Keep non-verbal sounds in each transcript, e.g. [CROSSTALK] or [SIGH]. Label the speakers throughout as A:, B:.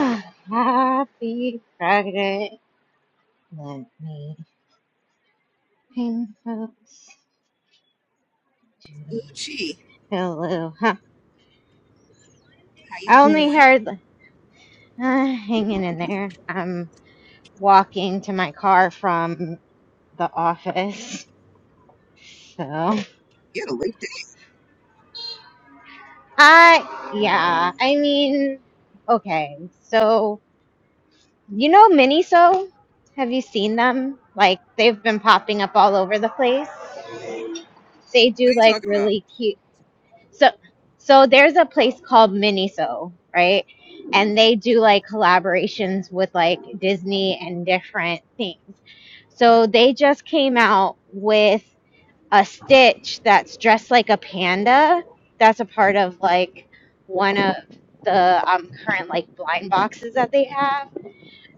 A: Happy Friday. Let me ping folks to
B: Gucci,
A: hello. Huh.
B: how you
A: I only
B: doing?
A: heard uh, hanging in there. I'm walking to my car from the office. So,
B: You had a late day.
A: I, yeah, I mean, okay. So, you know Miniso? Have you seen them? Like, they've been popping up all over the place. They
B: What are
A: do
B: you
A: like
B: talking about?
A: really cute. So so there's a place called Miniso, right? And they do like collaborations with like Disney and different things. So they just came out with a Stitch that's dressed like a panda. That's a part of like one of the um, current like blind boxes that they have.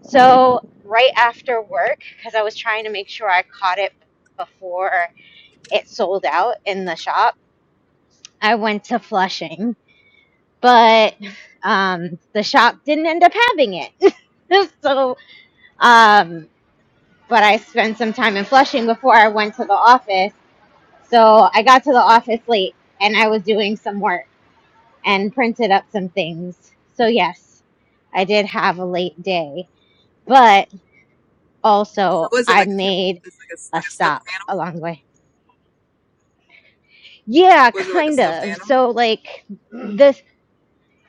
A: So right after work, because I was trying to make sure I caught it before it sold out in the shop, I went to Flushing but um, the shop didn't end up having it. [LAUGHS] so, um, but I spent some time in Flushing before I went to the office. So I got to the office late and I was doing some work and printed up some things. So, yes, I did have a late day, but
B: So
A: also
B: was it
A: I
B: like a careful?
A: made
B: it's like a,
A: a
B: like a stuffed
A: stop
B: animal?
A: along the way. Yeah,
B: Was it like a
A: kind
B: stuffed
A: of.
B: animal?
A: So, like, this.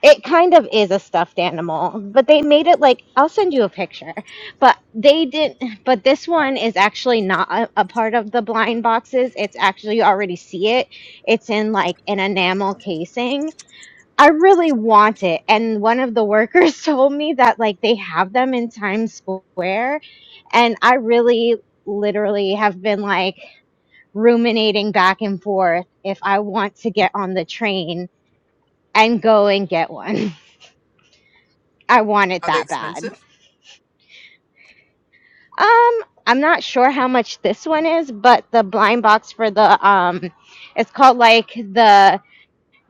A: It kind of is a stuffed animal, but they made it like I'll send you a picture. But they didn't. But this one is actually not a, a part of the blind boxes. It's actually you already see it. It's in like an enamel casing. I really want it, and one of the workers [LAUGHS] told me that like they have them in Times Square, and I really literally have been like ruminating back and forth if I want to get on the train and go and get one. [LAUGHS] I want it
B: Are they
A: that bad.
B: expensive?
A: Um, I'm not sure how much this one is, but the blind box for the um, it's called like the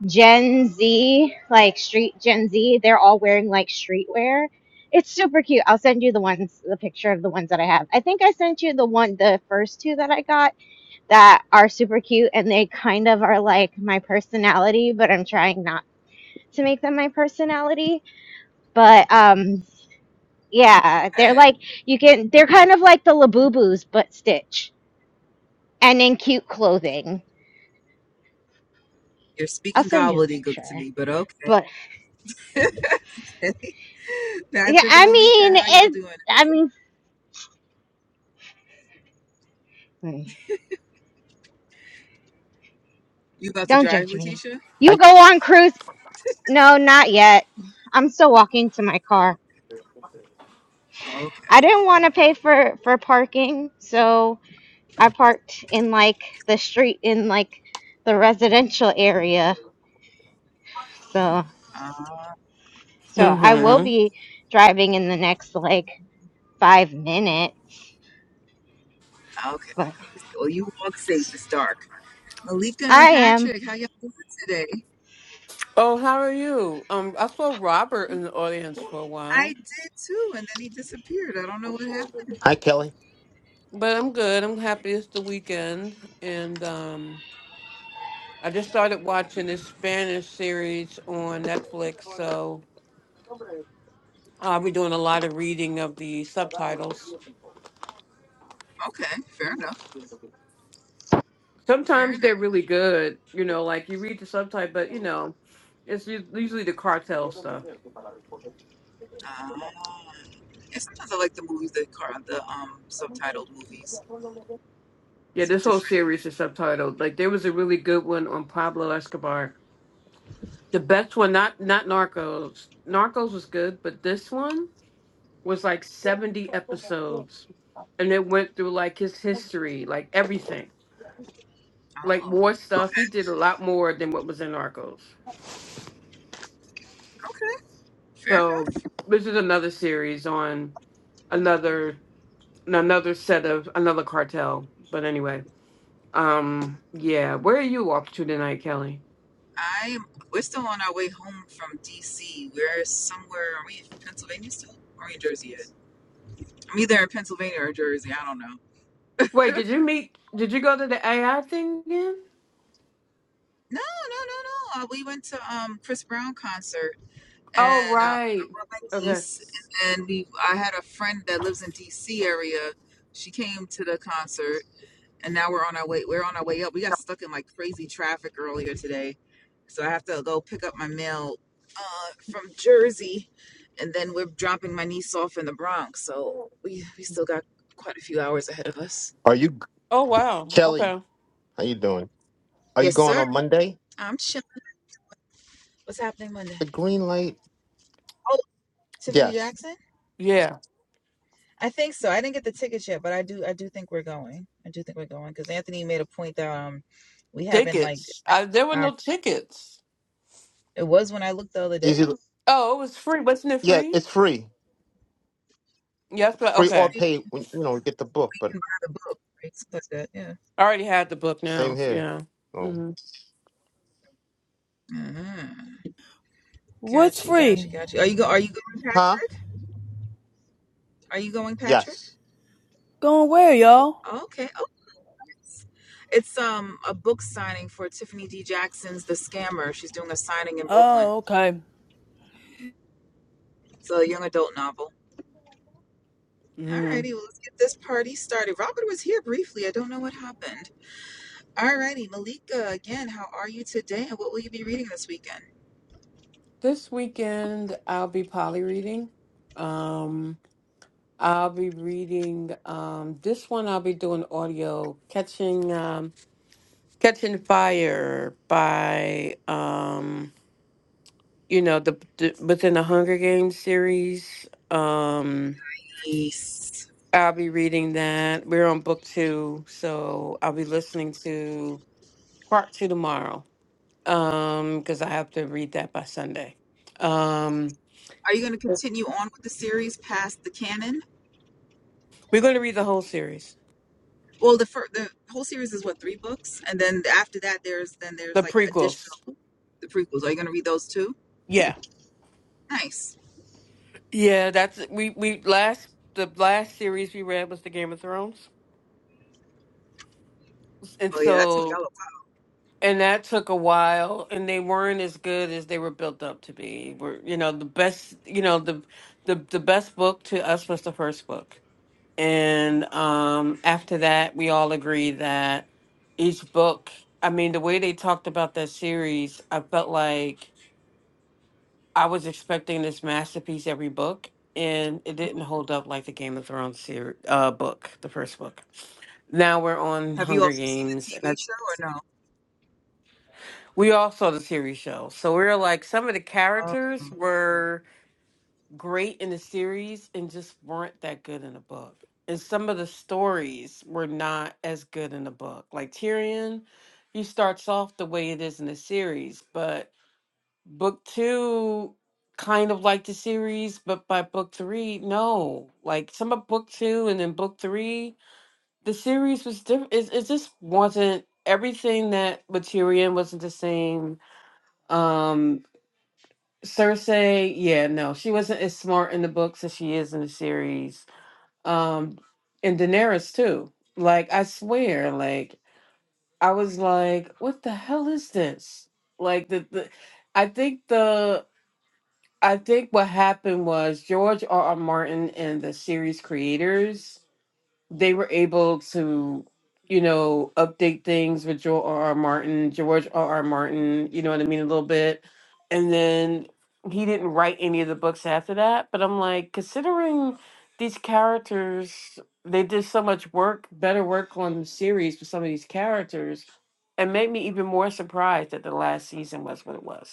A: Gen Z, like street Gen Z. They're all wearing like streetwear. It's super cute. I'll send you the ones, the picture of the ones that I have. I think I sent you the one, the first two that I got that are super cute, and they kind of are like my personality, but I'm trying not to make them my personality. But um, Yeah, they're
B: Hey,
A: like you can. They're kind of like the Labubus, but Stitch, and in cute clothing.
B: you're
A: I'll
B: speaking
A: send you a
B: gobbledygook to
A: picture.
B: me, but okay.
A: But
B: [LAUGHS]
A: yeah,
B: Patrick and
A: I
B: Malika,
A: mean,
B: how y'all
A: it.
B: doing?
A: I mean, hmm,
B: You about to
A: don't
B: drive,
A: judge me.
B: Letitia?
A: You
C: Hi,
A: go on cruise? No, not yet. I'm still walking to my car.
B: Oh, okay.
A: I didn't want to pay for for parking, so I parked in like the street in like the residential area. So
B: Uh,
A: so I
B: I,
A: will
D: Mm-hmm.
A: be driving in the next like five minutes
B: okay,
A: but
B: okay. Well, you walk safe. It's dark. Malika
A: I
B: and
A: am.
B: Patrick, how y'all doing today?
D: Oh, how are you? Um, I saw Robert in the audience for a
B: I
D: while,
B: did too, and then he disappeared. I don't know what happened.
C: hi, Kelly.
D: but I'm good. I'm happy it's the weekend, and um, I just started watching this Spanish series on Netflix, so I'll be doing a lot of reading of the subtitles.
B: Okay, fair enough. Fair enough.
D: Sometimes they're really good, you know, like you read the subtitle, but you know, it's us- usually the cartel stuff.
B: Ah. Yeah, sometimes I like the movies that are the um subtitled movies.
D: Yeah,
B: It's
D: this whole
B: different.
D: series is subtitled. Like there was a really good one on Pablo Escobar The best one, not not Narcos. Narcos was good, but this one was like seventy episodes, and it went through like his history, like everything, like
B: Oh,
D: more stuff. He
B: okay,
D: did a lot more than what was in Narcos.
B: okay, fair
D: So
B: enough.
D: this is another series on another another set of another cartel. But anyway, um, yeah, where are you off to tonight, Kelly?
B: I am. We're still on our way home from DC. We're somewhere. Are we in Pennsylvania still? Or are we in Jersey yet? I'm either in Pennsylvania or Jersey. I don't know.
D: Wait, did you meet? Did you go to the AI thing again?
B: No, no, no, no. Uh, we went to um Chris Brown concert,
D: Oh
B: and uh, I
D: right.
B: brought my
D: Okay.
B: niece, and we. I had a friend that lives in DC area. She came to the concert and now we're on our way we're on our way up we got stuck in like crazy traffic earlier today so i have to go pick up my mail uh, from jersey and then we're dropping my niece off in the bronx so we, we still got quite a few hours ahead of us
C: Are you
D: Oh wow.
C: Kelly?
D: Okay.
C: How you doing? Are you
B: yes
C: going
B: sir
C: on Monday?
B: i'm chilling what's happening monday
C: The green light.
B: oh tiffany
C: Yes.
B: jackson
D: Yeah.
B: i think so i didn't get the tickets yet but i do i do think we're going i do think we're going because anthony made a point that um we haven't like
D: Tickets. I, there were
B: our,
D: no tickets.
B: it was when i looked the other
C: Is it?
B: day
D: Oh, it was free. Wasn't it
C: Yeah,
D: free?
C: it's free,
D: Yes, but
C: free
B: it's
C: or
D: okay.
B: free
C: paid. When you know, get the book.
B: we
C: But
B: can buy the book it's like that yeah.
D: I already had the book
C: same
D: now.
C: here.
D: Yeah.
C: Oh.
D: hmm
B: Mm-hmm.
E: What's
B: Gotcha, gotcha,
E: free?
B: gotcha. Are you go? Are you going,
C: Huh?
B: Patrick? Are you going, Patrick?
C: Yes.
E: Going where, y'all?
B: Okay. Oh, it's um a book signing for Tiffany D. Jackson's *The Scammer*. She's doing a signing in Brooklyn.
E: Oh, okay.
B: It's a young adult novel.
D: hmm
B: Alrighty, well, let's get this party started. Robert was here briefly. I don't know what happened. Alrighty, Malika, again, how are you today, and what will you be reading this weekend?
D: This weekend I'll be poly reading. Um, I'll be reading um this one. I'll be doing audio catching um catching fire by um you know the, the within the Hunger Games series. Um,
B: Peace.
D: I'll be reading that. We're on book two, so I'll be listening to part two tomorrow. Um, because I have to read that by Sunday. Um,
B: Are you going to continue on with the series past the canon?
D: we're going to read the whole series,
B: Well, the fir- the whole series is what three books, and then after that, there's then there's
D: the
B: like additional
D: prequels.
B: the prequels. Are you gonna read those too?
D: Yeah,
B: Nice.
D: yeah. That's we we last the last series we read was the Game of Thrones, and
B: Oh yeah, that took
D: so
B: y'all a while.
D: and that took a while, and they weren't as good as they were built up to be. Were you know the best? You know the the the best book to us was the first book And um, after that, we all agreed that each book, I mean, the way they talked about that series, I felt like I was expecting this masterpiece every book, and it didn't hold up like the Game of Thrones series, uh, book, the first book. Now we're on
B: Have you
D: Hunger
B: also seen the
D: Games. And
B: TV
D: I,
B: show or no?
D: we all saw the series show. So we were like, some of the characters
B: Oh,
D: were. great in the series and just weren't that good in the book. And some of the stories were not as good in the book. Like Tyrion, he starts off the way it is in the series, but book two kind of like the series, but by book three, no. Like some of book two and then book three, the series was different. It, it just wasn't everything that with Tyrion wasn't the same. Um, Cersei, yeah, no, she wasn't as smart in the books as she is in the series. Um, and Daenerys too. Like I swear, like I was like, what the hell is this? Like the, the I think the I think what happened was George R. R. Martin and the series creators they were able to, you know, update things with Joel R. R. Martin, George R. R. Martin, you know what I mean, a little bit. And then he didn't write any of the books after that. But I'm like, considering these characters, they did so much work, better work on the series for some of these characters, and made me even more surprised that the last season was what it was.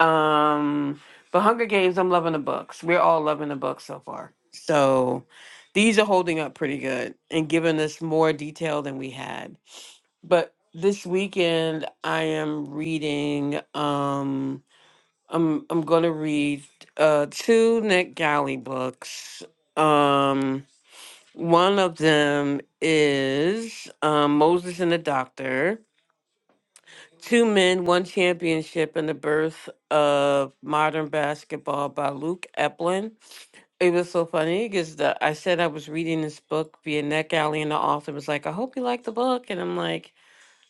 D: Um, but Hunger Games, I'm loving the books. We're all loving the books so far. So these are holding up pretty good and giving us more detail than we had. But this weekend I am reading um I'm I'm gonna read uh two Nick Galley books. Um one of them is um Moses and the Doctor Two Men, One Championship, and the birth of modern basketball by Luke Eplin. It was so funny because the I said I was reading this book via Neck Alley, and the author was like, "I hope you like the book," and I'm like,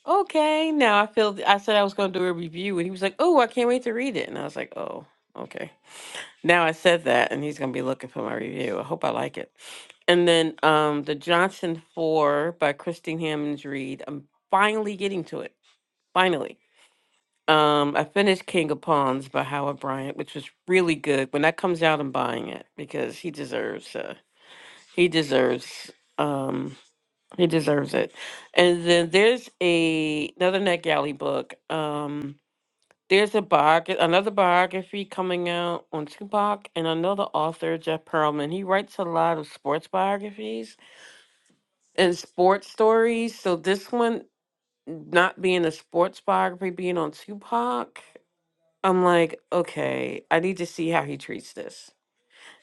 D: "Okay." Now I feel I said I was going to do a review, and he was like, "Oh, I can't wait to read it," and I was like, "Oh, okay." Now I said that, and he's going to be looking for my review. I hope I like it. And then um, the Johnson Four by Christine Hammonds Reed. I'm finally getting to it. Finally. Um, I finished King of Pawns by Howard Bryant, which was really good. When that comes out, I'm buying it because he deserves uh he deserves um he deserves it. And then there's a another NetGalley book. Um there's a biog- another biography coming out on Tupac and another author, Jeff Pearlman. He writes a lot of sports biographies and sports stories. So this one not being a sports biography, being on Tupac I'm like, okay, I need to see how he treats this.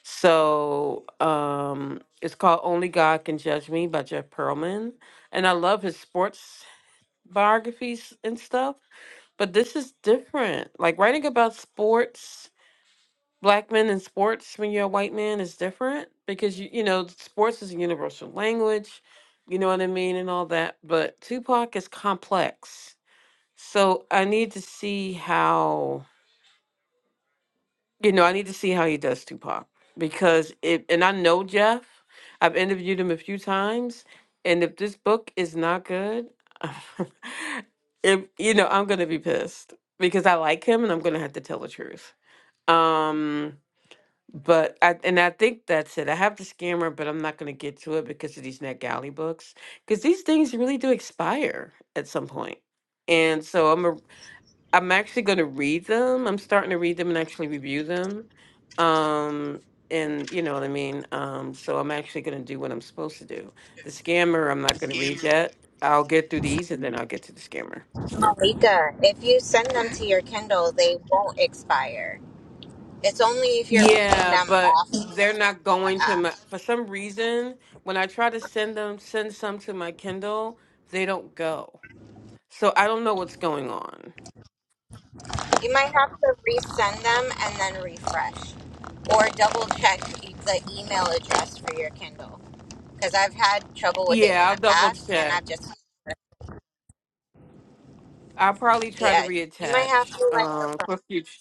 D: So um, it's called Only God Can Judge Me by Jeff Pearlman. And I love his sports biographies and stuff, but this is different. Like writing about sports, black men in sports when you're a white man is different because, you, you know, sports is a universal language, you know what I mean, and all that. But Tupac is complex. So I need to see how. You know, I need to see how he does Tupac because it, and I know Jeff, I've interviewed him a few times, and if this book is not good, [LAUGHS] if you know, I'm gonna be pissed because I like him and I'm gonna have to tell the truth. Um, but I and I think that's it. I have the scammer, but I'm not gonna get to it because of these NetGalley books because these things really do expire at some point, and so I'm a I'm actually going to read them. I'm starting to read them and actually review them. Um, and you know what I mean? Um, so I'm actually going to do what I'm supposed to do. The scammer, I'm not going to read yet. I'll get through these and then I'll get to the scammer.
A: Malika, if you send them
B: okay.
A: to your Kindle, they won't expire. It's only if you're reading
D: Yeah,
A: them
D: but
A: off the
D: they're not going to
A: app.
D: my, for some reason, when I try to send them, send some to my Kindle, they don't go. So I don't know what's going on.
A: You might have to resend them and then refresh or double check e- the email address for your Kindle because I've had trouble with it in
D: Yeah, I'll
A: the
D: double
A: past and i
D: check.
A: just,
D: I'll probably try to
A: yeah, you might have
D: reattach
A: to
D: um,
A: like
D: for future.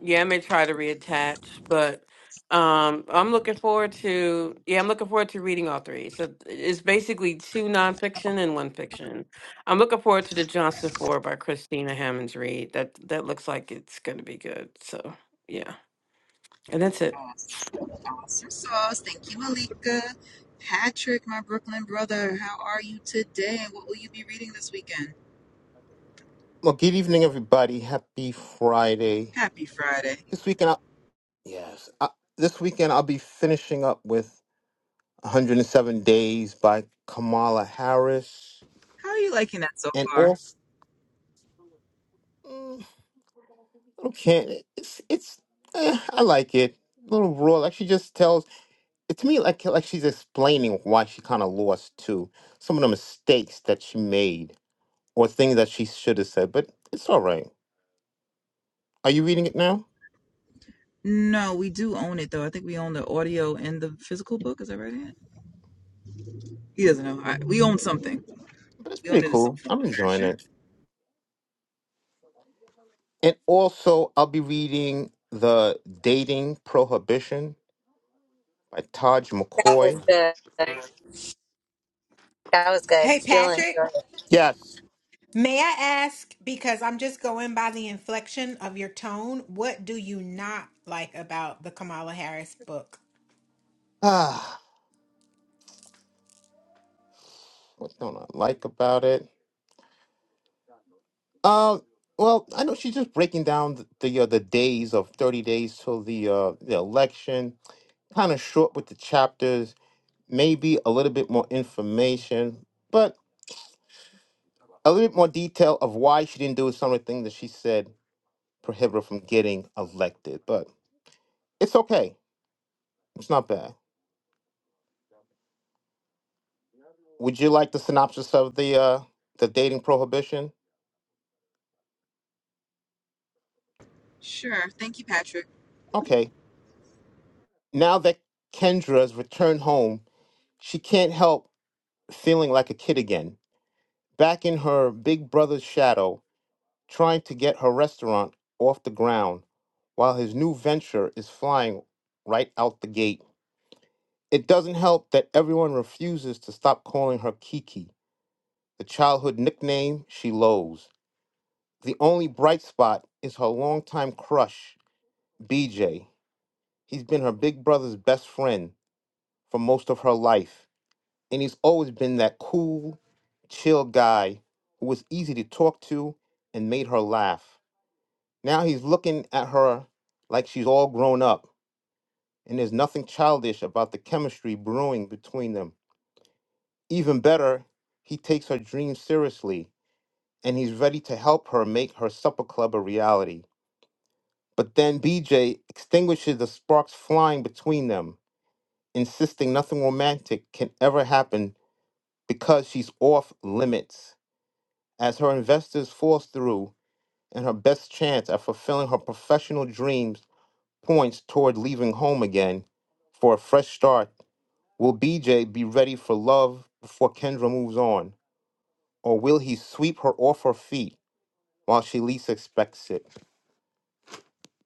D: Yeah, I may try to reattach, but um, I'm looking forward to yeah, I'm looking forward to reading all three. So it's basically two nonfiction and one fiction. I'm looking forward to the Johnson Four by Christina Hammonds Reed. That that looks like it's going to be good. So yeah, and that's it.
B: Awesome. Awesome sauce. Thank you, Malika. Patrick, my Brooklyn brother, how are you today? And what will you be reading this weekend?
C: Well, good evening, everybody. Happy Friday.
B: Happy Friday.
C: This weekend, I, yes. I, this weekend I'll be finishing up with 107 Days by Kamala Harris,
B: How are you liking that so
C: and
B: far?
C: also. Okay, It's it's eh, I like it. A little raw. Like she just tells it to me like like she's explaining why she kinda lost too. Some of the mistakes that she made or things that she should have said, but it's all right. Are you reading it now?
B: No, we do own it though. I think we own the audio and the physical book. Is that right? Ann? He doesn't know. I, we own something.
C: But it's
B: We don't
C: pretty
B: need some
C: cool.
B: form
C: I'm
B: of
C: enjoying
B: fashion.
C: it. And also I'll be reading The Dating Prohibition by Taj McCoy.
F: Hey,
A: challenge
F: Patrick,
A: her.
C: Yes. [SIGHS]
F: may I ask, because I'm just going by the inflection of your tone, what do you not like about the Kamala Harris book?
C: Ah, what don't I like about it? Um, well, I know she's just breaking down the the, uh, the days of 30 days till the uh, the election. Kind of short with the chapters, maybe a little bit more information, but a little bit more detail of why she didn't do some of the things that she said prohibit her from getting elected. But it's okay. It's not bad. Would you like the synopsis of the uh, the dating prohibition?
B: Sure. Thank you, Patrick.
C: Okay. Now that Kendra's returned home, she can't help feeling like a kid again back in her big brother's shadow, trying to get her restaurant off the ground while his new venture is flying right out the gate. It doesn't help that everyone refuses to stop calling her Kiki, the childhood nickname she loathes. The only bright spot is her longtime crush, BJ. He's been her big brother's best friend for most of her life, and he's always been that cool, chill guy who was easy to talk to and made her laugh. Now he's looking at her like she's all grown up, and there's nothing childish about the chemistry brewing between them. Even better, he takes her dreams seriously, and he's ready to help her make her supper club a reality. But then BJ extinguishes the sparks flying between them, insisting nothing romantic can ever happen because she's off limits. As her investors force through, and her best chance at fulfilling her professional dreams points toward leaving home again for a fresh start. Will BJ be ready for love before Kendra moves on? Or will he sweep her off her feet while she least expects it?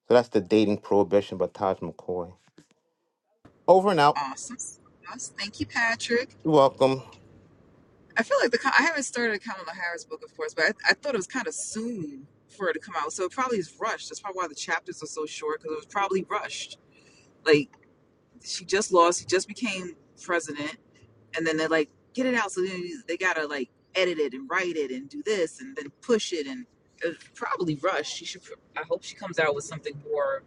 C: So that's the dating prohibition by Taj McCoy. Over and out.
B: Awesome. Us. Thank you, Patrick.
C: You're welcome.
B: I feel like the com- I haven't started a Kamala Harris book, of course, but I, I thought it was kind of soon for it to come out. So it probably is rushed. That's probably why the chapters are so short because it was probably rushed. Like she just lost, she just became president, and then they're like, get it out. So then they gotta like edit it and write it and do this and then push it and it was probably rushed. She should. I hope she comes out with something more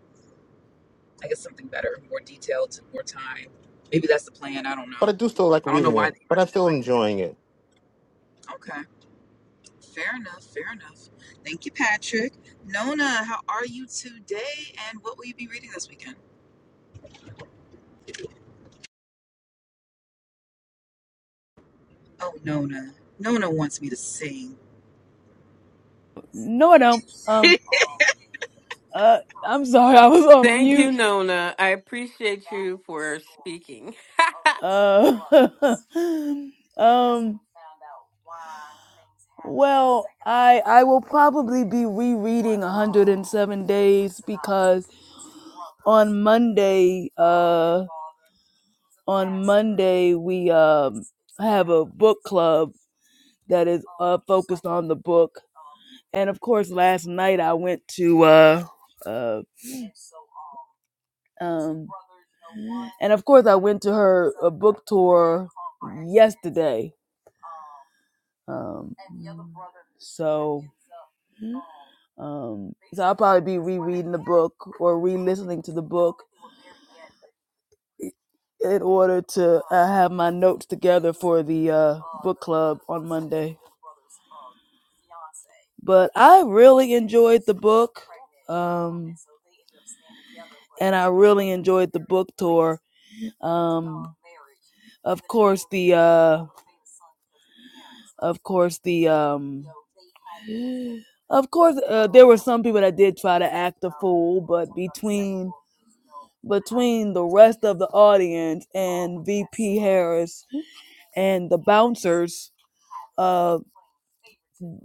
B: I guess something better, more detailed, more time. Maybe that's the plan. I don't know.
C: But I do still like
B: I don't know
C: reading
B: why
C: it,
B: they
C: but I'm
B: rushed it
C: still
B: like
C: enjoying it.
B: that. okay. Fair enough, fair enough. Thank you, Patrick. Nona, how are you today and what will you be reading this weekend? Oh Nona. Nona wants me to sing.
E: No, I don't.
B: [LAUGHS]
E: Um,
B: I
E: uh, I'm sorry, I was on
D: Thank you,
E: mute.
D: Nona. I appreciate you for speaking. [LAUGHS]
E: Uh, [LAUGHS] um, well, I I will probably be rereading 107 Days because on Monday, uh, on Monday we um have a book club that is uh focused on the book, and of course, last night I went to uh uh um And of course, I went to her uh, book tour yesterday. Um, so, um, so I'll probably be rereading the book or re-listening to the book in order to uh, have my notes together for the uh, book club on Monday. But I really enjoyed the book, um, and I really enjoyed the book tour. Um, of course, the uh, of course the um, Of course, uh, there were some people that did try to act a fool, but between between the rest of the audience and VP Harris and the bouncers, uh,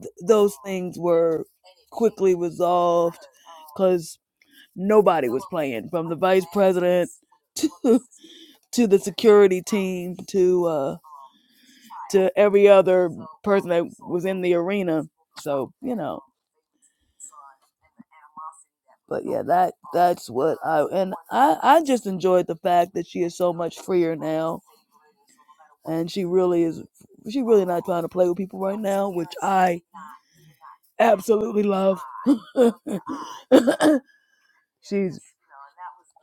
E: th- those things were quickly resolved because nobody was playing, from the vice president to [LAUGHS] to the security team to uh, to every other person that was in the arena. So you know. but yeah, that that's what I and I I just enjoyed the fact that she is so much freer now, and she really is. She really not trying to play with people right now, which I absolutely love. [LAUGHS] she's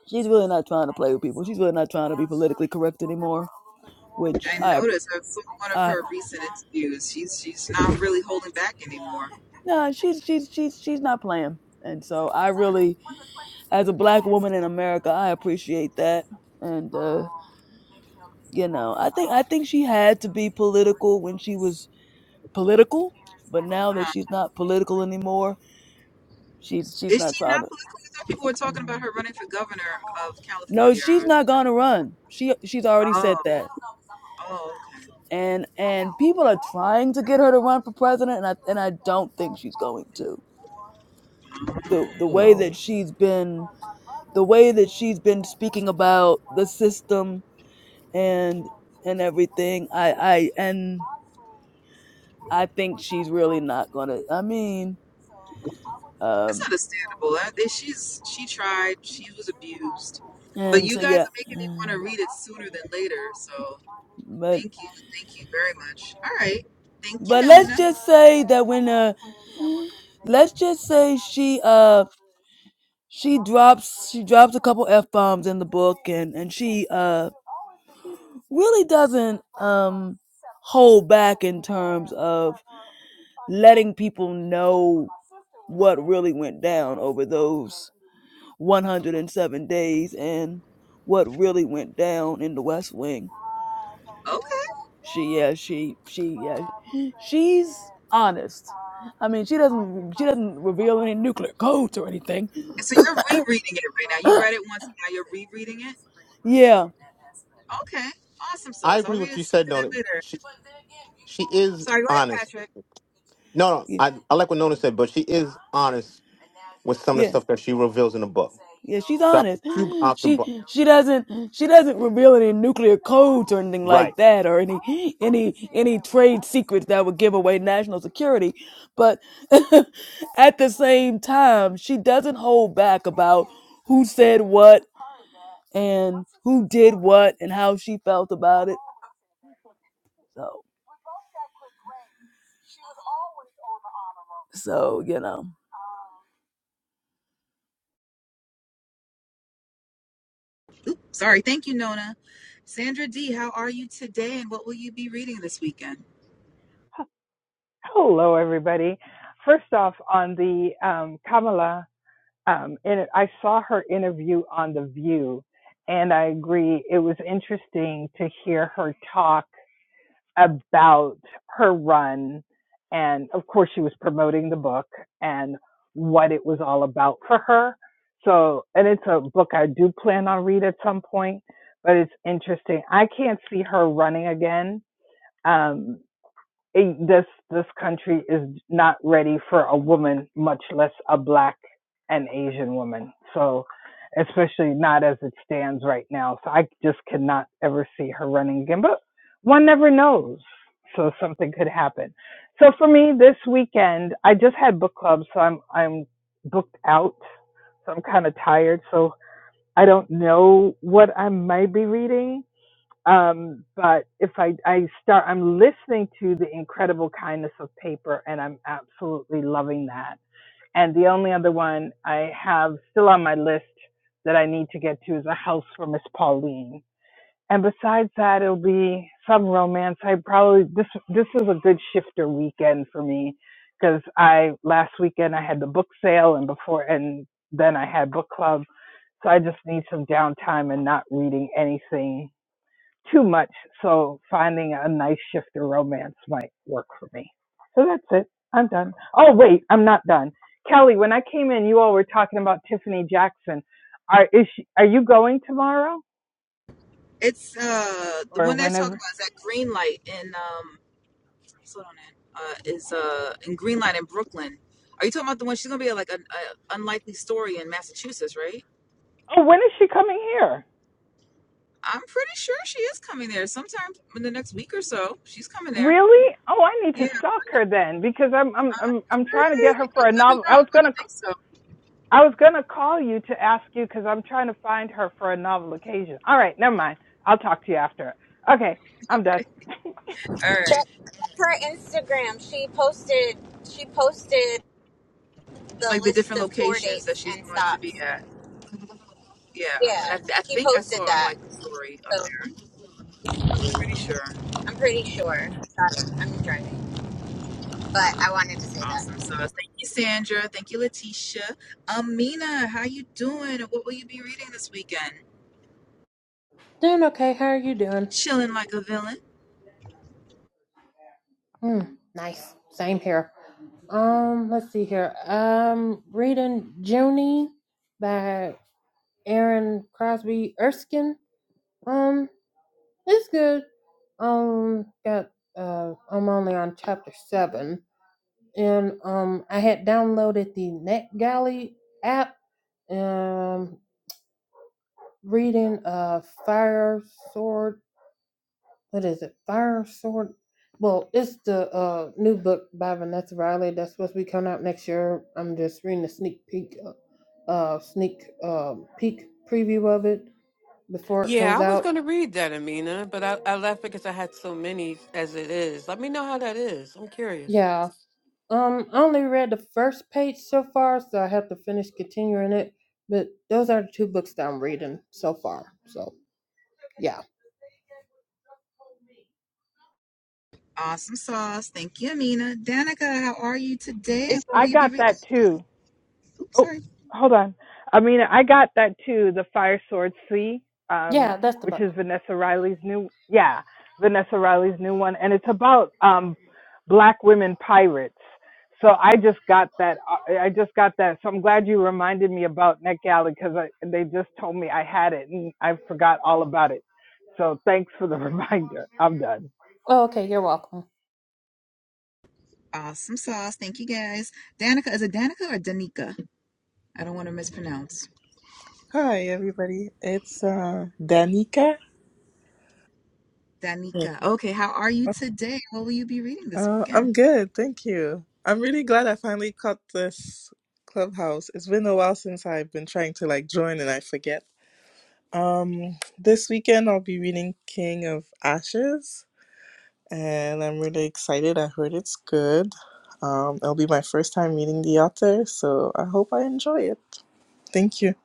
E: she's really not trying to play with people. She's really not trying to be politically correct anymore, which I
B: noticed that from one of
E: I
B: her recent interviews, she's she's not really holding back anymore.
E: nah. She's she's she's she's not playing, and so I really, as a black woman in America, I appreciate that, and. uh you know i think i think she had to be political when she was political but now that
B: Uh,
E: she's not political anymore she's she's
B: is
E: not
B: she
E: trying
B: not
E: to
B: political? I thought people were talking about her running for governor of
E: no
B: California. I
E: she's
B: was
E: not
B: like,
E: gonna run she she's already
B: oh,
E: said that
B: oh, okay.
E: and and people are trying to get her to run for president and i and i don't think she's going to the the
B: Oh.
E: way that
C: No.
E: she's been the way that she's been speaking about the system and and everything i i and i think she's really not gonna i mean um.
B: It's understandable. That that she's she tried. She was abused, but
E: and
B: you
E: so
B: guys
E: yeah
B: are making me want to read it sooner than later. So
E: but
B: thank you, thank you very much. All right, thank you,
E: but let's
B: Nona.
E: just say that when uh let's just say she uh she drops she drops a couple f-bombs in the book and and she uh really doesn't um hold back in terms of letting people know what really went down over those 107 days and what really went down in the west wing
B: Okay,
E: She yeah, she she yeah, she's honest. I mean, she doesn't she doesn't reveal any nuclear codes or anything.
B: so you're rereading it right now. You
E: [CLEARS THROAT]
B: read it once, now you're rereading it.
E: Yeah.
B: Okay, awesome
C: I
B: sauce. I'll
C: agree with
B: read
C: what
B: it
C: you
B: sooner
C: said,
B: than
C: Nona.
B: later.
C: She she is
B: Sorry, go ahead,
C: honest.
B: Patrick.
C: No, no,
E: yeah.
C: I, I like what Nona said, but she is honest with some of the
E: Yeah.
C: stuff that she reveals in the book.
E: Yeah, she's
C: Drop the
E: honest. [GASPS]
C: cube off the book.
E: She she doesn't she doesn't reveal any nuclear codes or anything
C: Right.
E: like that or any any any trade secrets that would give away national security. But [LAUGHS] at the same time, she doesn't hold back about who said what and who did what and how she felt about it. So so you know.
B: Oop, sorry. Thank you, Nona. Sandra D, how are you today, and what will you be reading this weekend?
G: Hello, everybody. First off, on the um, Kamala, um, in it, I saw her interview on The View, and I agree. It was interesting to hear her talk about her run. And of course, she was promoting the book and what it was all about for her. So, and it's a book I do plan on read at some point, but it's interesting. I can't see her running again. Um, it, this this country is not ready for a woman, much less a black and Asian woman. So, especially not as it stands right now. So I just cannot ever see her running again. But one never knows. So something could happen. So for me, this weekend I just had book club, so I'm I'm booked out. So I'm kind of tired. So I don't know what I might be reading um, but if I, I start, I'm listening to the incredible kindness of paper, and I'm absolutely loving that. And the only other one I have still on my list that I need to get to is a house for Miss Pauline. And besides that, it'll be some romance. I probably this this is a good shifter weekend for me because I last weekend I had the book sale and before and then I had book club. So I just need some downtime and not reading anything too much. So finding a nice shifter romance might work for me. So that's it. I'm done. Oh wait, I'm not done. Kelly, when I came in, you all were talking about Tiffany Jackson. Are is she, are you going tomorrow
B: It's uh the
G: or
B: one they're talking
G: whenever?
B: about is that green light in um sold on it. Uh, is uh in Greenlight in Brooklyn. Are you talking about the one she's gonna be at, like an unlikely story in Massachusetts, right?
G: Oh, when is she coming here?
B: I'm pretty sure she is coming there sometime in the next week or so. She's coming there.
G: Really? Oh, I need to
B: Yeah,
G: stalk her then because I'm I'm
B: I
G: I'm I'm
B: heard
G: trying to get
B: it.
G: her for a
B: It Could be
G: novel. I
B: wrong,
G: was
B: but
G: gonna
B: I think
G: c-
B: so.
G: I was gonna call you to ask you because I'm trying to find her for a novel occasion. All right, never mind. I'll talk to you after. Okay, I'm done. [LAUGHS]
B: All right,
A: Her Instagram, she posted. She posted the
B: like the
A: list
B: different
A: of tour
B: locations that
A: dates
B: she's
A: and
B: going to
A: stops.
B: be at. Yeah, and
A: Yeah,
B: I, th- I
A: she
B: think I
A: posted
B: saw
A: that.
B: unlikely story. I'm
A: so
B: pretty sure.
A: I'm pretty sure. Sorry, I'm driving, but I wanted to say that.
B: Awesome. So thank you, Sandra. Thank you, Letitia. Amina, how you doing? And What will you be reading this weekend?
H: Doing okay. How are you doing?
B: Chilling like a villain.
H: Mm, nice. Same here. Um, let's see here. Um, reading Junie by Aaron Crosby Erskine. Um, it's good. Um, got uh, I'm only on chapter seven, and um, I had downloaded the NetGalley app. Um, reading uh, Fire Sword what is it? Fire Sword. Well, it's the uh, new book by Vanessa Riley that's supposed to be coming out next year. I'm just reading a sneak peek, uh, uh, sneak um, peek preview of it before it
D: yeah,
H: comes
D: I was
H: out.
D: going to read that, Amina, but I, I left because I had so many as it is. Let me know how that is. I'm curious.
H: Yeah. Um, I only read the first page so far, so I have to finish continuing it. But those are the two books that I'm reading so far. So yeah.
B: Awesome sauce. Thank you, Amina. Danica, how are you today? And what will
G: I
B: you be?
G: got
B: reading?
G: that too.
B: Oops,
G: Oh,
B: sorry.
G: hold on. I mean, I got that too. The Fire Sword C, um,
H: Yeah, that's the
G: which
H: book.
G: is Vanessa Riley's new, yeah, Vanessa Riley's new one, and it's about um, black women pirates. So I just got that. I I just got that. So I'm glad you reminded me about NetGalley because they just told me I had it and I forgot all about it. So thanks for the [LAUGHS] reminder. I'm done.
H: Oh, okay. You're welcome.
B: Awesome sauce. Thank you, guys. Danica, is it Danica or Danica? I don't want to mispronounce.
I: Hi, everybody. It's uh, Danica. Yeah.
B: Danica. Okay, how are you today? What will you be reading this
I: Uh,
B: weekend?
I: I'm good, thank you. I'm really glad I finally caught this clubhouse. It's been a while since I've been trying to like join and I forget. Um, this weekend I'll be reading King of Ashes, and I'm really excited. I heard it's good. Um, it'll be my first time reading the author, so I hope I enjoy it. Thank you.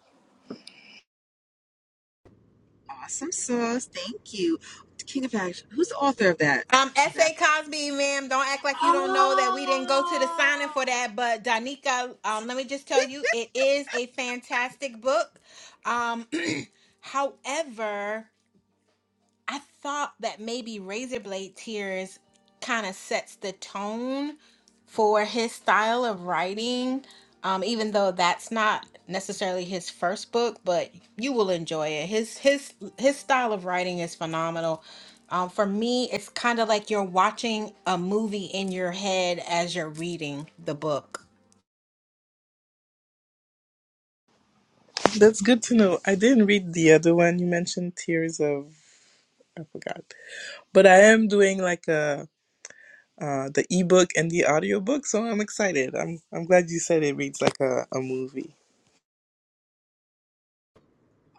B: Awesome sauce. Thank you. King of Action. Who's the author of that?
F: Um,
B: King of
F: S.A.
B: Action.
F: Cosby, ma'am, don't act like you don't know that we didn't go to the
B: Oh.
F: signing for that. But Danica, um, let me just tell you, it is a fantastic book. Um, [CLEARS THROAT] however, I thought that maybe Razor Blade Tears kind of sets the tone for his style of writing, um, even though that's not necessarily his first book, but you will enjoy it. His his his style of writing is phenomenal. Um, for me, it's kind of like you're watching a movie in your head as you're reading the book.
I: That's good to know. I didn't read the other one you mentioned, Tears of. I forgot. But I am doing like a uh, the ebook and the audiobook, so I'm excited. I'm I'm glad you said it reads like a, a movie.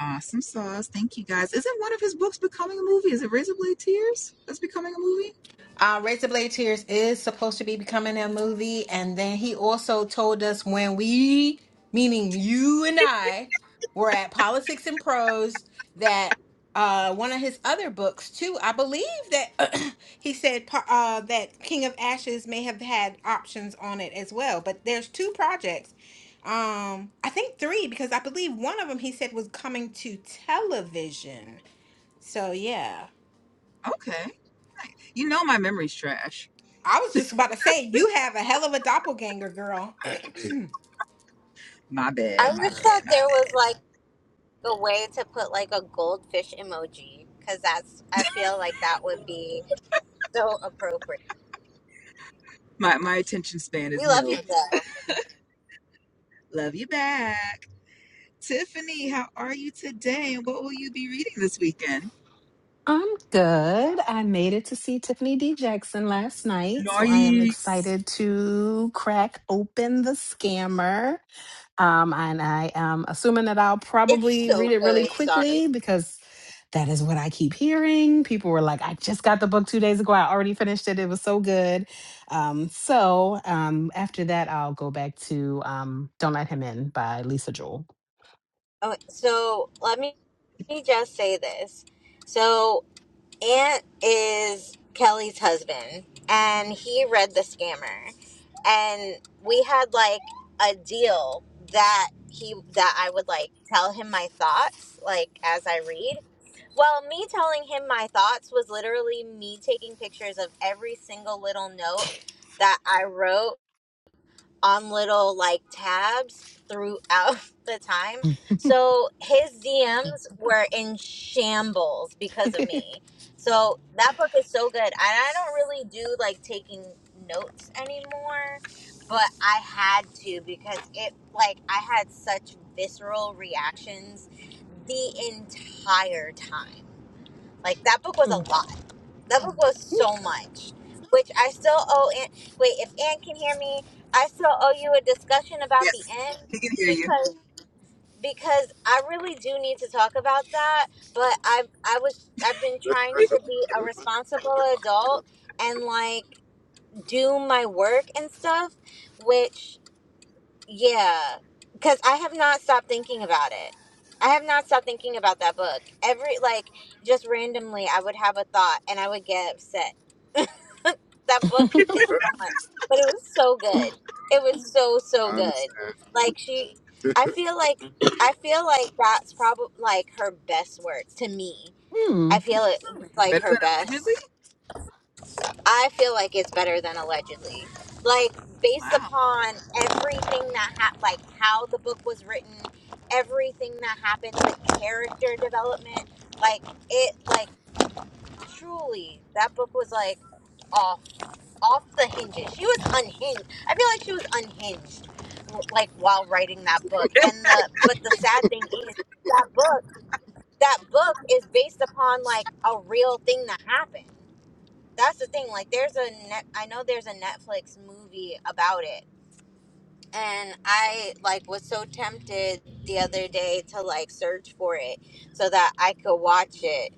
B: Awesome sauce. Thank you, guys. Isn't one of his books becoming a movie? Is it Razorblade Tears? That's becoming a movie.
F: Uh, Razor Tears is supposed to be becoming a movie, and then he also told us when we, meaning you and I, were at Politics and Prose that uh, one of his other books too. I believe that [CLEARS THROAT] he said par- uh, that King of Ashes may have had options on it as well. But there's two projects. Um, I think three because I believe one of them he said was coming to television. So yeah.
B: Okay. Right. You know my memory's trash.
F: I was just about to say you have a hell of a doppelganger, girl.
B: My
A: I
B: bad,
A: love
B: my bad, my bad.
A: Like, so
B: My my attention span is nil. Love you back. Tiffany, how are you today? And what will you be reading this weekend?
J: I'm good. I made it to see Tiffany D. Jackson last night, so I am
B: Nice.
J: excited to crack open the scammer. Um, and I am assuming that I'll
A: it's
J: probably read
A: so
J: it really
A: good. Sorry.
J: quickly because that is what I keep hearing. People were like, I just got the book two days ago. I already finished it. It was so good. Um, so um, after that, I'll go back to um, Don't Let Him In by Lisa Joel.
A: Oh, so let me let me just say this. So Ant is Kelly's husband, and he read the scammer, and we had like a deal that he that I would like tell him my thoughts like as I read Well, me telling him my thoughts was literally me taking pictures of every single little note that I wrote on little like tabs throughout [LAUGHS] the time. So his DMs were in shambles because of
J: [LAUGHS]
A: me. So that book is so good. And I don't really do like taking notes anymore, but I had to because it like I had such visceral reactions the entire time. Like that book was a
J: Mm,
A: lot. That book was
J: mm,
A: so much, which I still owe. Aunt, wait, if Ann can hear me, I still owe you a discussion about the
B: Yes,
A: end
B: we can hear you.
A: because because I really do need to talk about that. But I I was I've been trying to be a responsible adult and like do my work and stuff, which. Yeah, because I have not stopped thinking about it. I have not stopped thinking about that book. Every, like, just randomly, I would have a thought and I would get upset. [LAUGHS] that book is so much, but it was so good. It was so, so
B: Honest.
A: good. Like, she, I feel like, I feel like that's probably like her best work to me.
J: mm.
A: I feel it like
B: Better
A: her
B: than
A: best.
B: allegedly?
A: I feel like it's better than allegedly. Like based
B: Wow.
A: upon everything that happened, like how the book was written, everything that happened, the character development, like it, like truly, that book was like off, off the hinges. She was unhinged. I feel like she was unhinged, like while writing that book. And the but the sad thing is that book, that book is based upon like a real thing that happened that's the thing like there's a net i know there's a netflix movie about it and i like was so tempted the other day to like search for it so that i could watch it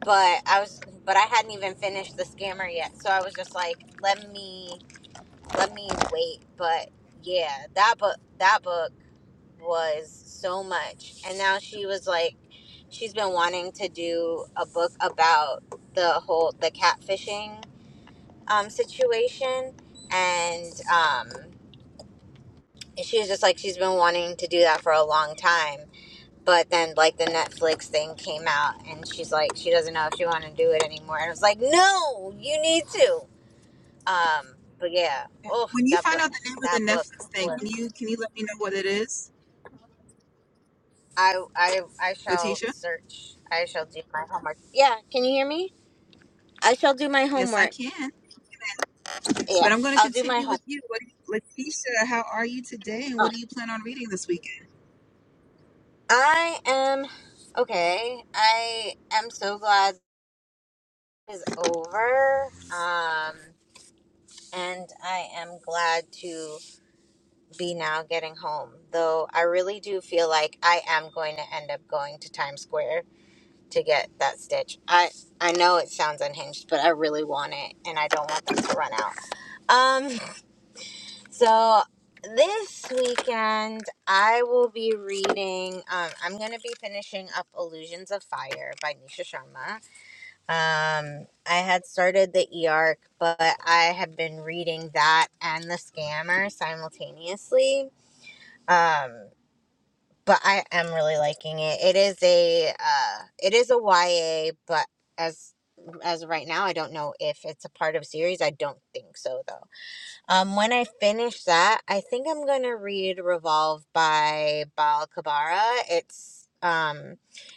A: but i was but i hadn't even finished the scammer yet so i was just like let me let me wait but yeah that book that book was so much and now she was like she's been wanting to do a book about the whole the catfishing um, situation, and um, she was just like she's been wanting to do that for a long time. But then like the Netflix thing came out, and she's like she doesn't know if she want to do it anymore. And I was like, no, you need to. Um, but yeah,
B: Well,
A: oh
B: When you
A: that
B: find
A: book,
B: out the name of
A: that
B: the
A: book
B: Netflix thing,
A: was.
B: can you can you let me know what it is,
A: I I I shall
B: Letitia?
A: search. I shall do my homework. Yeah, can you hear me? I shall do my
B: Yes, I
A: homework.
B: can.
A: Yeah,
B: But I'm going to
A: I'll do my
B: continue with
A: homework.
B: you. What do you, Letitia, how are you today? And what do you plan on reading this weekend?
A: I am okay. I am so glad. is over. Um, and I am glad to be now getting home. Though I really do feel like I am going to end up going to Times Square to get that stitch. I I know it sounds unhinged, but I really want it and I don't want them to run out. Um so this weekend I will be reading um I'm going to be finishing up Illusions of Fire by Nisha Sharma Um, I had started the E.R.C., but I had been reading that and The Scammer simultaneously. Um, but I am really liking it. It is a uh, it is a YA, but as as of right now, I don't know if it's a part of series. I don't think so though. Um, when I finish that, I think I'm gonna read Revolve by Bal Kabara. It's um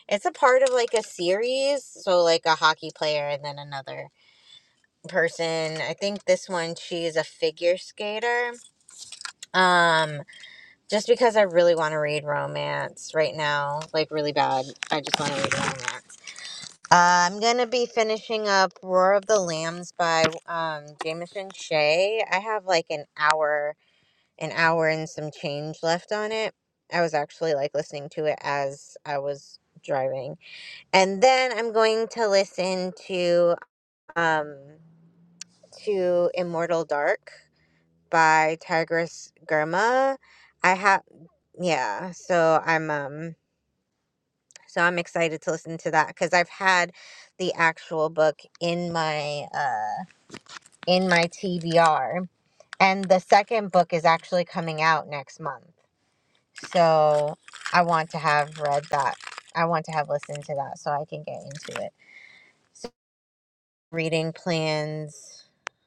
A: it's a part of like a series so like a hockey player and then another person. I think this one she is a figure skater. Um, just because I really want to read romance right now, like really bad. I just want to read romance. Uh, I'm gonna be finishing up Roar of the Lambs by um Jameson Shea. I have like an hour, an hour and some change left on it. I was actually like listening to it as I was driving. And then I'm going to listen to um to Immortal Dark by Tigress Germa. I have yeah, so I'm um so I'm excited to listen to that cuz I've had the actual book in my uh in my TBR and the second book is actually coming out next month. So I want to have read that. I want to have listened to that so I can get into it. Reading plans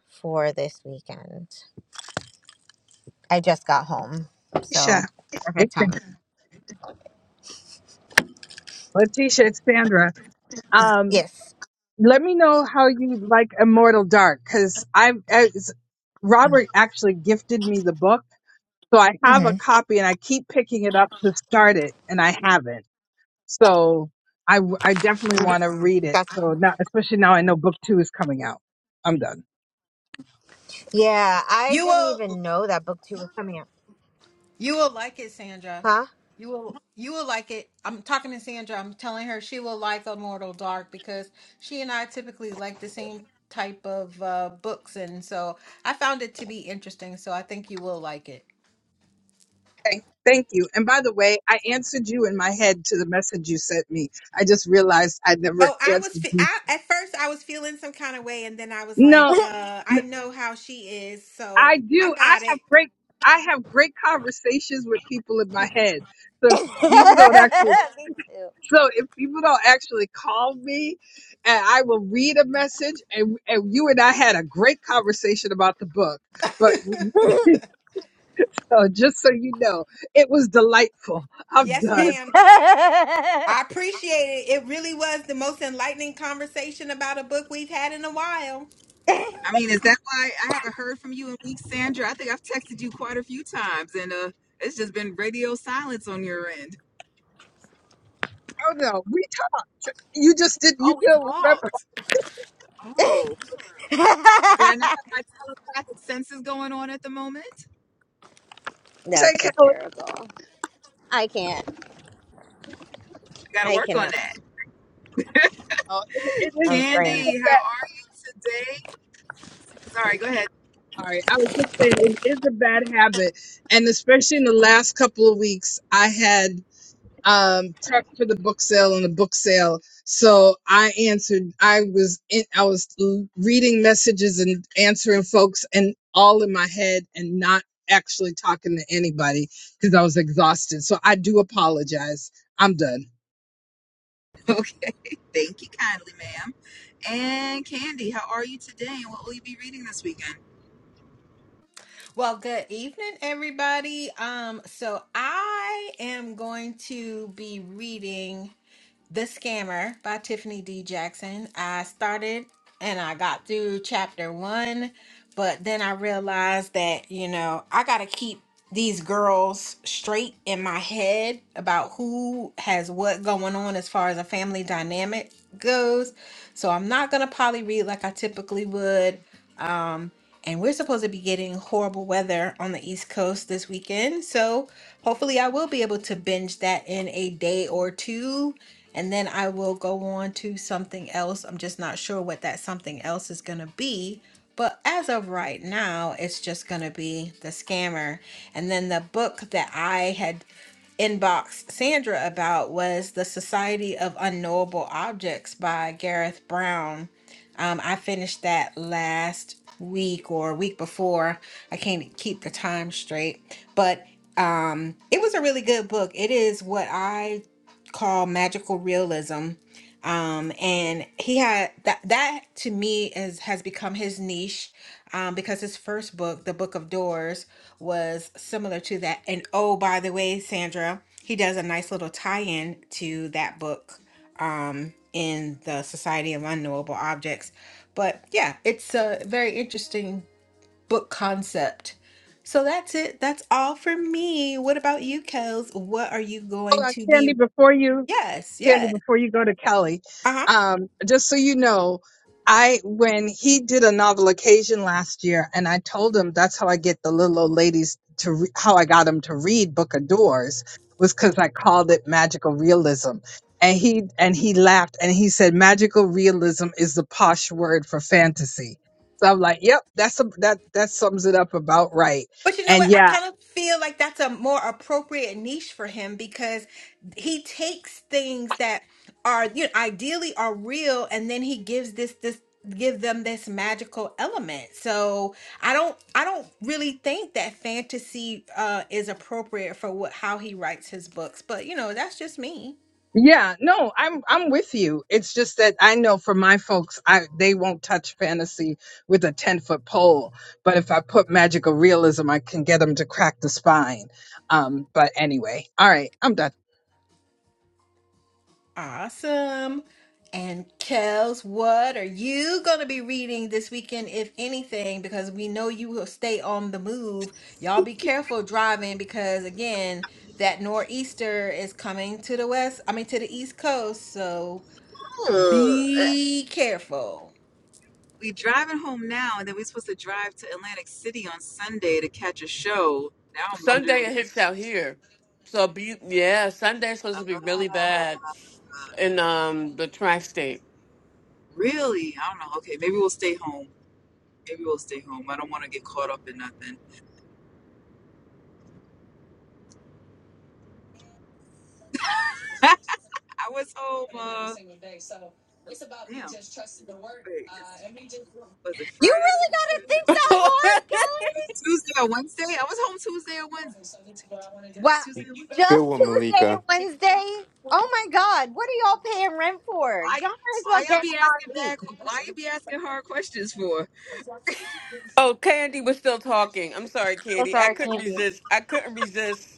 A: for this weekend. I just got home.
G: Tisha.
A: So
G: It's,
A: perfect timing.
G: Letitia, it's Sandra. Um,
A: Yes.
G: let me know how you like Immortal Dark because I've as Robert actually gifted me the book, so I have
A: Mm-hmm.
G: a copy and I keep picking it up to start it, and I haven't. So I w- I definitely want to read it.
A: That's
G: So now, especially now, I know book two is coming out. I'm done.
A: yeah. I
F: You
A: didn't
F: will
A: even know that book two was coming out.
F: you will like it, Sandra.
A: Huh?
F: You will you will like it. I'm talking to Sandra. I'm telling her she will like Immortal Dark because she and I typically like the same type of uh books and so I found it to be interesting, so I think you will like it.
G: Okay, thank you. And by the way, I answered you in my head to the message you sent me. I just realized I never
F: Oh, I was
G: answered
F: fe-
G: you.
F: I, at first I was feeling some kind of way and then I was like,
G: No,
F: uh I
G: n-
F: know how she is, so
G: I
F: I
G: do. I
F: got it.
G: have great. I have great conversations with people in my head. So if people don't actually,
A: [LAUGHS] Me too.
G: so if people don't actually call me, and I will read a message, and and you and I had a great conversation about the book. But
F: [LAUGHS]
G: [LAUGHS] so just so you know, it was delightful. I'm
F: yes,
G: done.
F: ma'am. I appreciate it. It really was the most enlightening conversation about a book we've had in a while.
B: I mean, is that why I haven't heard from you in weeks, Sandra? I think I've texted you quite a few times, and uh, it's just been radio silence on your end.
G: Oh no, we. You just did. You
B: Oh, we
G: do
B: talked.
G: remember.
B: Oh, did I not have my telepathic senses going on at the moment?
A: [LAUGHS]
G: [LAUGHS] Say,
A: That's
G: Kelly.
A: hysterical. I can't.
B: I got to
A: I
B: work on
A: cannot.
B: that.
G: Oh, it, it is.
A: I'm
G: It is
A: screaming.
G: a
B: Candy, how
G: bad.
B: are you today? Sorry, go ahead. [LAUGHS]
G: Sorry, I was just saying it is a bad habit, and especially in the last couple of weeks, I had um prepped for the book sale and the book sale, so I answered. I was in. I was l- reading messages and answering folks, and all in my head, and not actually talking to anybody because I was exhausted. So I do apologize. I'm done.
B: Okay, thank you kindly, ma'am. And Candy, how are you today? And what will you be reading this weekend?
F: Well, good evening, everybody. Um, so I am going to be reading. The Scammer by Tiffany D. Jackson. I started and I got through chapter one, but then I realized that, you know, I got to keep these girls straight in my head about who has what going on as far as a family dynamic goes. So I'm not going to poly read like I typically would. Um, and we're supposed to be getting horrible weather on the East Coast this weekend. So hopefully, I will be able to binge that in a day or two. And then I will go on to something else. I'm just not sure what that something else is going to be. But as of right now, it's just going to be The Scammer. And then the book that I had inboxed Sandra about was The Society of Unknowable Objects by Gareth Brown um, I finished that last week or week before. I can't keep the time straight, but um, it was a really good book. It is what I call magical realism um and he had that that to me is has become his niche um because his first book the book of doors was similar to that and oh by the way sandra he does a nice little tie-in to that book um in the society of unknowable objects but yeah it's a very interesting book concept so that's it that's all for me what about you kels what are you
G: Hold
F: going
G: on,
F: to
G: Candy.
F: be
G: Before you.
F: yes
G: Candy,
F: yes
G: before you go to Kelly,
F: Uh huh.
G: um, just so you know, I when he did a novel occasion last year, and I told him that's how I get the little old ladies to re- how I got them to read Book of Doors was because I called it magical realism, and he and he laughed and he said magical realism is the posh word for fantasy. So I'm like, yep, that's a, that that sums it up about right.
F: But you know what?
G: And
F: I
G: yeah,
F: kind of feel like that's a more appropriate niche for him because he takes things that are you know, ideally are real and then he gives this this give them this magical element. So I don't I don't really think that fantasy uh is appropriate for what how he writes his books. But you know, that's just me.
G: Yeah, no, I'm I'm with you. It's just that I know for my folks, I they won't touch fantasy with a ten foot pole. But if I put magical realism, I can get them to crack the spine. Um, but anyway, all right, I'm done.
F: Awesome. And Kels, what are you going to be reading this weekend, if anything? Because we know you will stay on the move. Y'all be careful driving because, again, that nor'easter is coming to the west, I mean, to the east coast. So
B: Ugh.
F: be careful.
B: we driving home now, and then we're supposed to drive to Atlantic City on Sunday to catch a show. Now I'm
D: Sunday
B: wondering
D: it
B: if we
D: hits
B: should,
D: out here. So be yeah, Sunday's supposed to be really
B: uh,
D: bad in um the tri-state.
B: really, I don't know. Okay, maybe we'll stay home. Maybe we'll stay home. I don't want to get caught up in nothing. [LAUGHS] I was home. Uh, damn. Wait, it's, was it
A: You
B: Friday?
A: really gotta
B: Thursday,
A: think that
D: [LAUGHS]
B: Wednesday?
A: hard, Kelly.
B: Tuesday or Wednesday? I was home Tuesday or Wednesday. Tu- tu- yeah,
A: Wow.
B: Tuesday or Wednesday.
C: Good
A: Just
C: one,
A: Tuesday and
C: Malika.
A: Wednesday. Oh my God. What are y'all paying rent for?
B: Why?
A: Y'all might as well
B: Why y'all
A: get
B: be asking
A: an RV.
B: bad? que- Why you be asking hard questions for?
D: oh, Candy was still talking. I'm sorry,
A: So
D: Candy. I
A: sorry,
D: couldn't
A: Candy.
D: resist. I couldn't resist.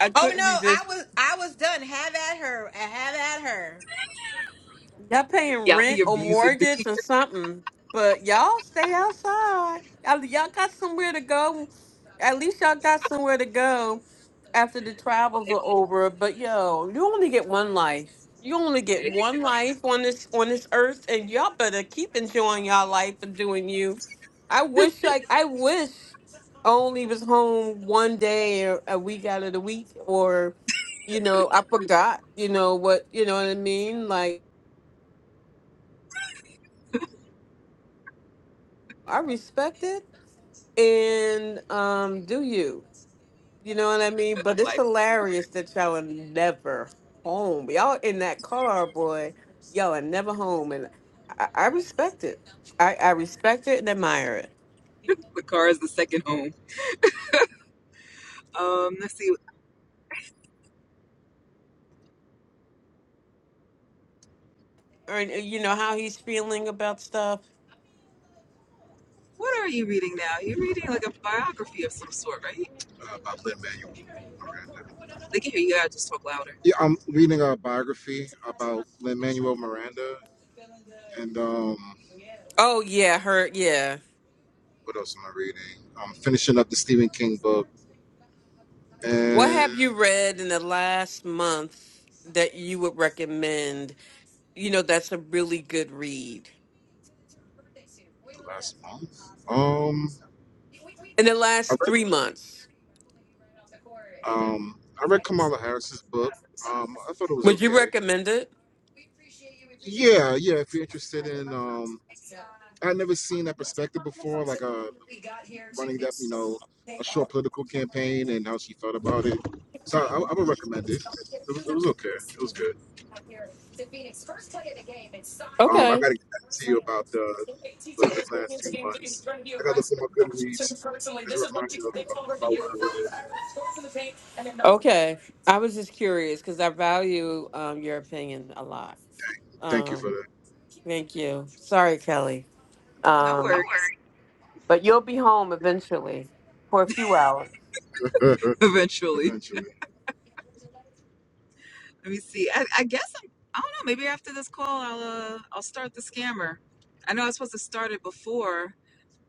D: I
F: Oh, no,
D: couldn't
F: I
D: resist.
F: was, I was done. Have at her. Have at her.
D: Y'all paying
B: Y'all be
D: rent or
B: abusing
D: mortgage or something, but y'all stay outside. Y'all, y'all got somewhere to go. At least y'all got somewhere to go. after the travels are over. But yo, you only get one life. You only get
B: me.
D: one life on this on this earth, and y'all better keep enjoying y'all life and doing you. I wish like I wish only was home one day or a week out of the week, or you know I forgot. You know what? You know what I mean? Like I respect it and um do you. You know what I mean? But it's
B: [LAUGHS]
D: hilarious that y'all are never home. Y'all in that car, boy. Y'all are never home, and I, I respect it. I, I respect it and admire it.
B: The car is the second home. Um, let's see.
D: And uh, you know how he's feeling about stuff.
B: What are you reading now? You're reading like a biography of some sort, right? uh, by Lin Manuel Miranda. They can hear you. You Gotta just talk louder. Yeah, I'm reading a biography about Lin Manuel Miranda, and um,
D: Oh yeah, her yeah.
B: what else am I reading? I'm finishing up the Stephen King book,
D: What
B: and
D: have you read in the last month that you would recommend? You know, that's a really good read.
B: the last month, um,
D: in the
B: I
D: last
B: read
D: three months.
B: um, I read Kamala Harris's book. Um, I thought it was
D: Would you
B: okay.
D: recommend it?
B: Yeah, yeah. If you're interested in um, I never seen that perspective before, like uh, running that, you know, a short political campaign and how she felt about it. So I, I would recommend it. It was, it was okay. It was good. Um, I got
D: Okay.
B: to get back to you about the, the, the last few months. I got to look at my Goodreads as a reminder about, about what I read.
D: Okay. I was just curious because I value um, your opinion a lot.
B: Thank you for
D: Um, thank you. Sorry, Kelly.
B: No
D: Um,
B: worries.
D: but you'll be home eventually for a few hours.
B: [LAUGHS] that. [LAUGHS] Eventually, Eventually. let me see. I, I guess I'm. I don't know. Maybe after this call, I'll uh, I'll start the scammer. I know I was supposed to start it before.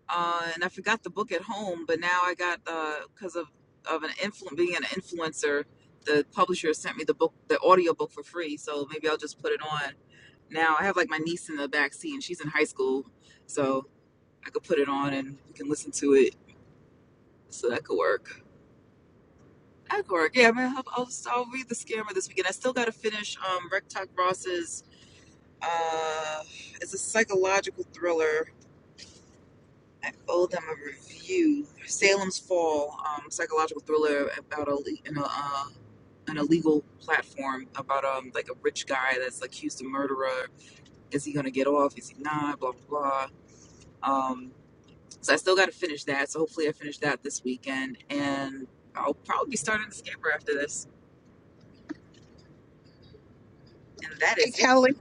B: uh, and I forgot the book at home, but now I got because of of an influ- being an influencer, the publisher sent me the book, the audio book for free. So maybe I'll just put it on now. I have like my niece in the back seat, and she's in high school, so I could put it on and we can listen to it. So that could work. That could work. Yeah, man. I'll I'll, just, I'll read the scammer this weekend. I still got to finish um, Rectock Ross's. Uh, it's a psychological thriller I owe them a review. Salem's Fall, um, psychological thriller about a in a, uh, an illegal platform about um like a rich guy that's accused of murderer. Is he gonna get off? Is he not? Blah blah blah. Um, so I still got to finish that. So hopefully I finish that this weekend, and I'll probably be starting the scamper after this. And that
G: Hey,
B: is it. For-
G: Kelly,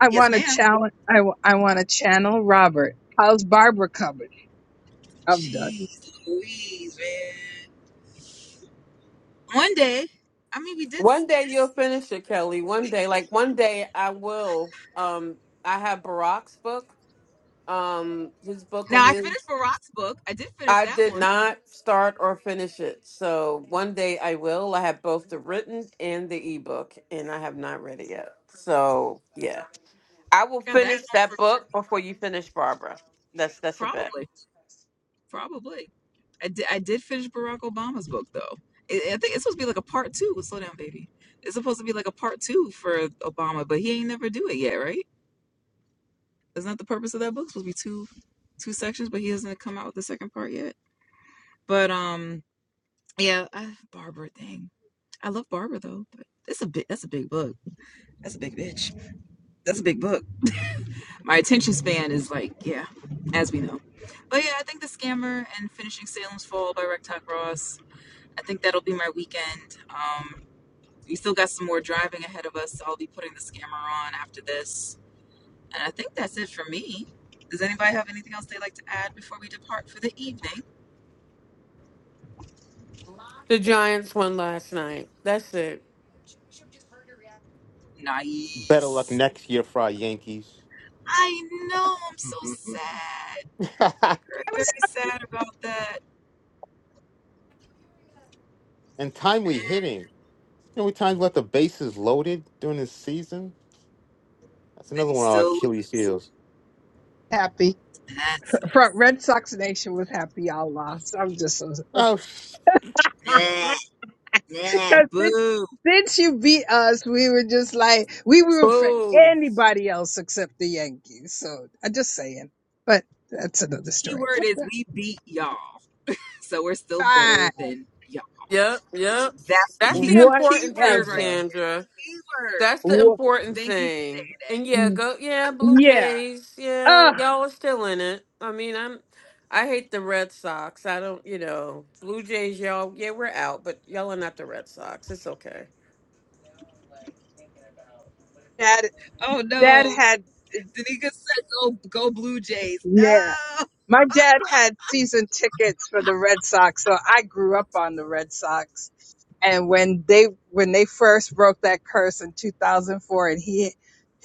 G: I
B: yes,
G: want to
B: ma'am.
G: challenge. I w- I want to channel Robert. How's Barbara coming? I'm done.
B: Jeez, Louise, man. One day, I mean, we did. S-
D: One day you'll finish it, Kelly. One day, like one day, I will. Um, I have Barack's book. Um, his book or
B: now I
D: his.
B: finished Barack's book. I did finish
D: I
B: that
D: did
B: one.
D: not start or finish it, so one day I will. I have both the written and the ebook, and I have not read it yet. So yeah, I will
B: I got that
D: finish
B: going for
D: that book before you finish Barbara. That's that's a bet.
B: Probably, probably. I did. I did finish Barack Obama's book though. I I think it's supposed to be like a part two. Slow down, baby. It's supposed to be like a part two for Obama, but he ain't never do it yet, right? Isn't that the purpose of that book? It's supposed to be two two sections, but he hasn't come out with the second part yet. But um, yeah, I, Barbara, dang, I love Barbara though. But it's a bit. That's a big book. That's a big bitch. That's a big book. My attention span is like, yeah, as we know. But yeah, I think the scammer and finishing Salem's Fall by Rectock Ross I think that'll be my weekend. Um, we still got some more driving ahead of us. So I'll be putting the scammer on after this. And I think that's it for me. Does anybody have anything else they'd like to add before we depart for the evening?
D: The Giants won last night. That's it.
C: Better luck
B: Nice.
C: next year for our Yankees.
B: I know. I'm so [LAUGHS] sad.
C: [LAUGHS]
B: Very,
G: I
B: very
G: was
B: sad about that.
C: and timely hitting. You know, we times left the bases loaded during this season. That's
B: Then
C: another
B: you
C: one of our
B: still lose.
C: Achilles heels.
G: happy.
B: That sucks.
G: Front Red Sox Nation was happy y'all lost. I'm just so
C: Oh,
B: Nah, nah,
G: Because since,
B: boo.
G: since you beat us, we were just like, we were for
D: Boo.
G: anybody else except the Yankees. So I'm just saying. But that's another
B: The key
G: story.
B: word is we beat y'all. So we're still
G: Fine.
B: better than y'all.
D: Yep. Yep.
B: That's the
D: That's
B: key
D: the
B: key
D: important thing,
B: word right
G: Whatever.
D: Sandra.
B: there. Key word.
D: That's the
G: Wha-
D: important
B: Thank you
D: thing. And yeah, go yeah, Blue
G: yeah.
D: Jays. Yeah,
G: Ugh.
D: y'all are still in it. I mean, I'm I hate the Red Sox. I don't, you know, Blue Jays, y'all, yeah, we're out, but y'all are not the Red Sox. It's okay.
G: That,
B: Oh
G: that
B: no,
G: had,
B: Danica said go go Blue Jays.
G: yeah.
B: No.
G: My dad had season tickets for the Red Sox, so I grew up on the Red Sox. And when they when they first broke that curse in 2004 and he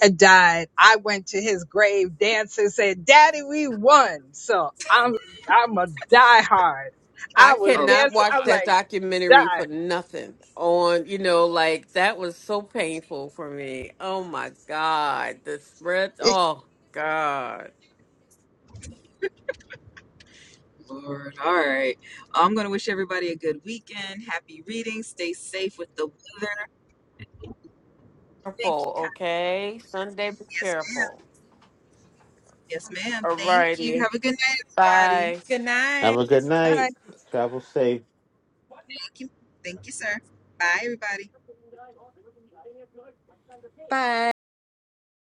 G: had died, I went to his grave dancing said, "Daddy, we won." So I'm I'm a diehard.
D: I
G: I was
B: Oh
D: cannot
G: dancing.
D: watch
G: I'm
D: that
G: like,
D: documentary for nothing. On, you know, like that was so painful for me. Oh my God. The spread
G: "Die."
D: oh God.
B: Lord. All right. Well, I'm gonna wish everybody a good weekend. Happy reading. Stay safe with the weather. Thank you,
D: Careful,
B: kind.
D: okay? Sunday be
B: Yes, ma'am.
D: careful.
B: Yes, ma'am. Thank you.
D: Alrighty.
B: Have a good night, everybody.
D: Bye.
F: Good night.
C: have a good
G: [LAUGHS]
C: night. Travel safe.
B: Thank you. Thank you, sir. Bye, everybody.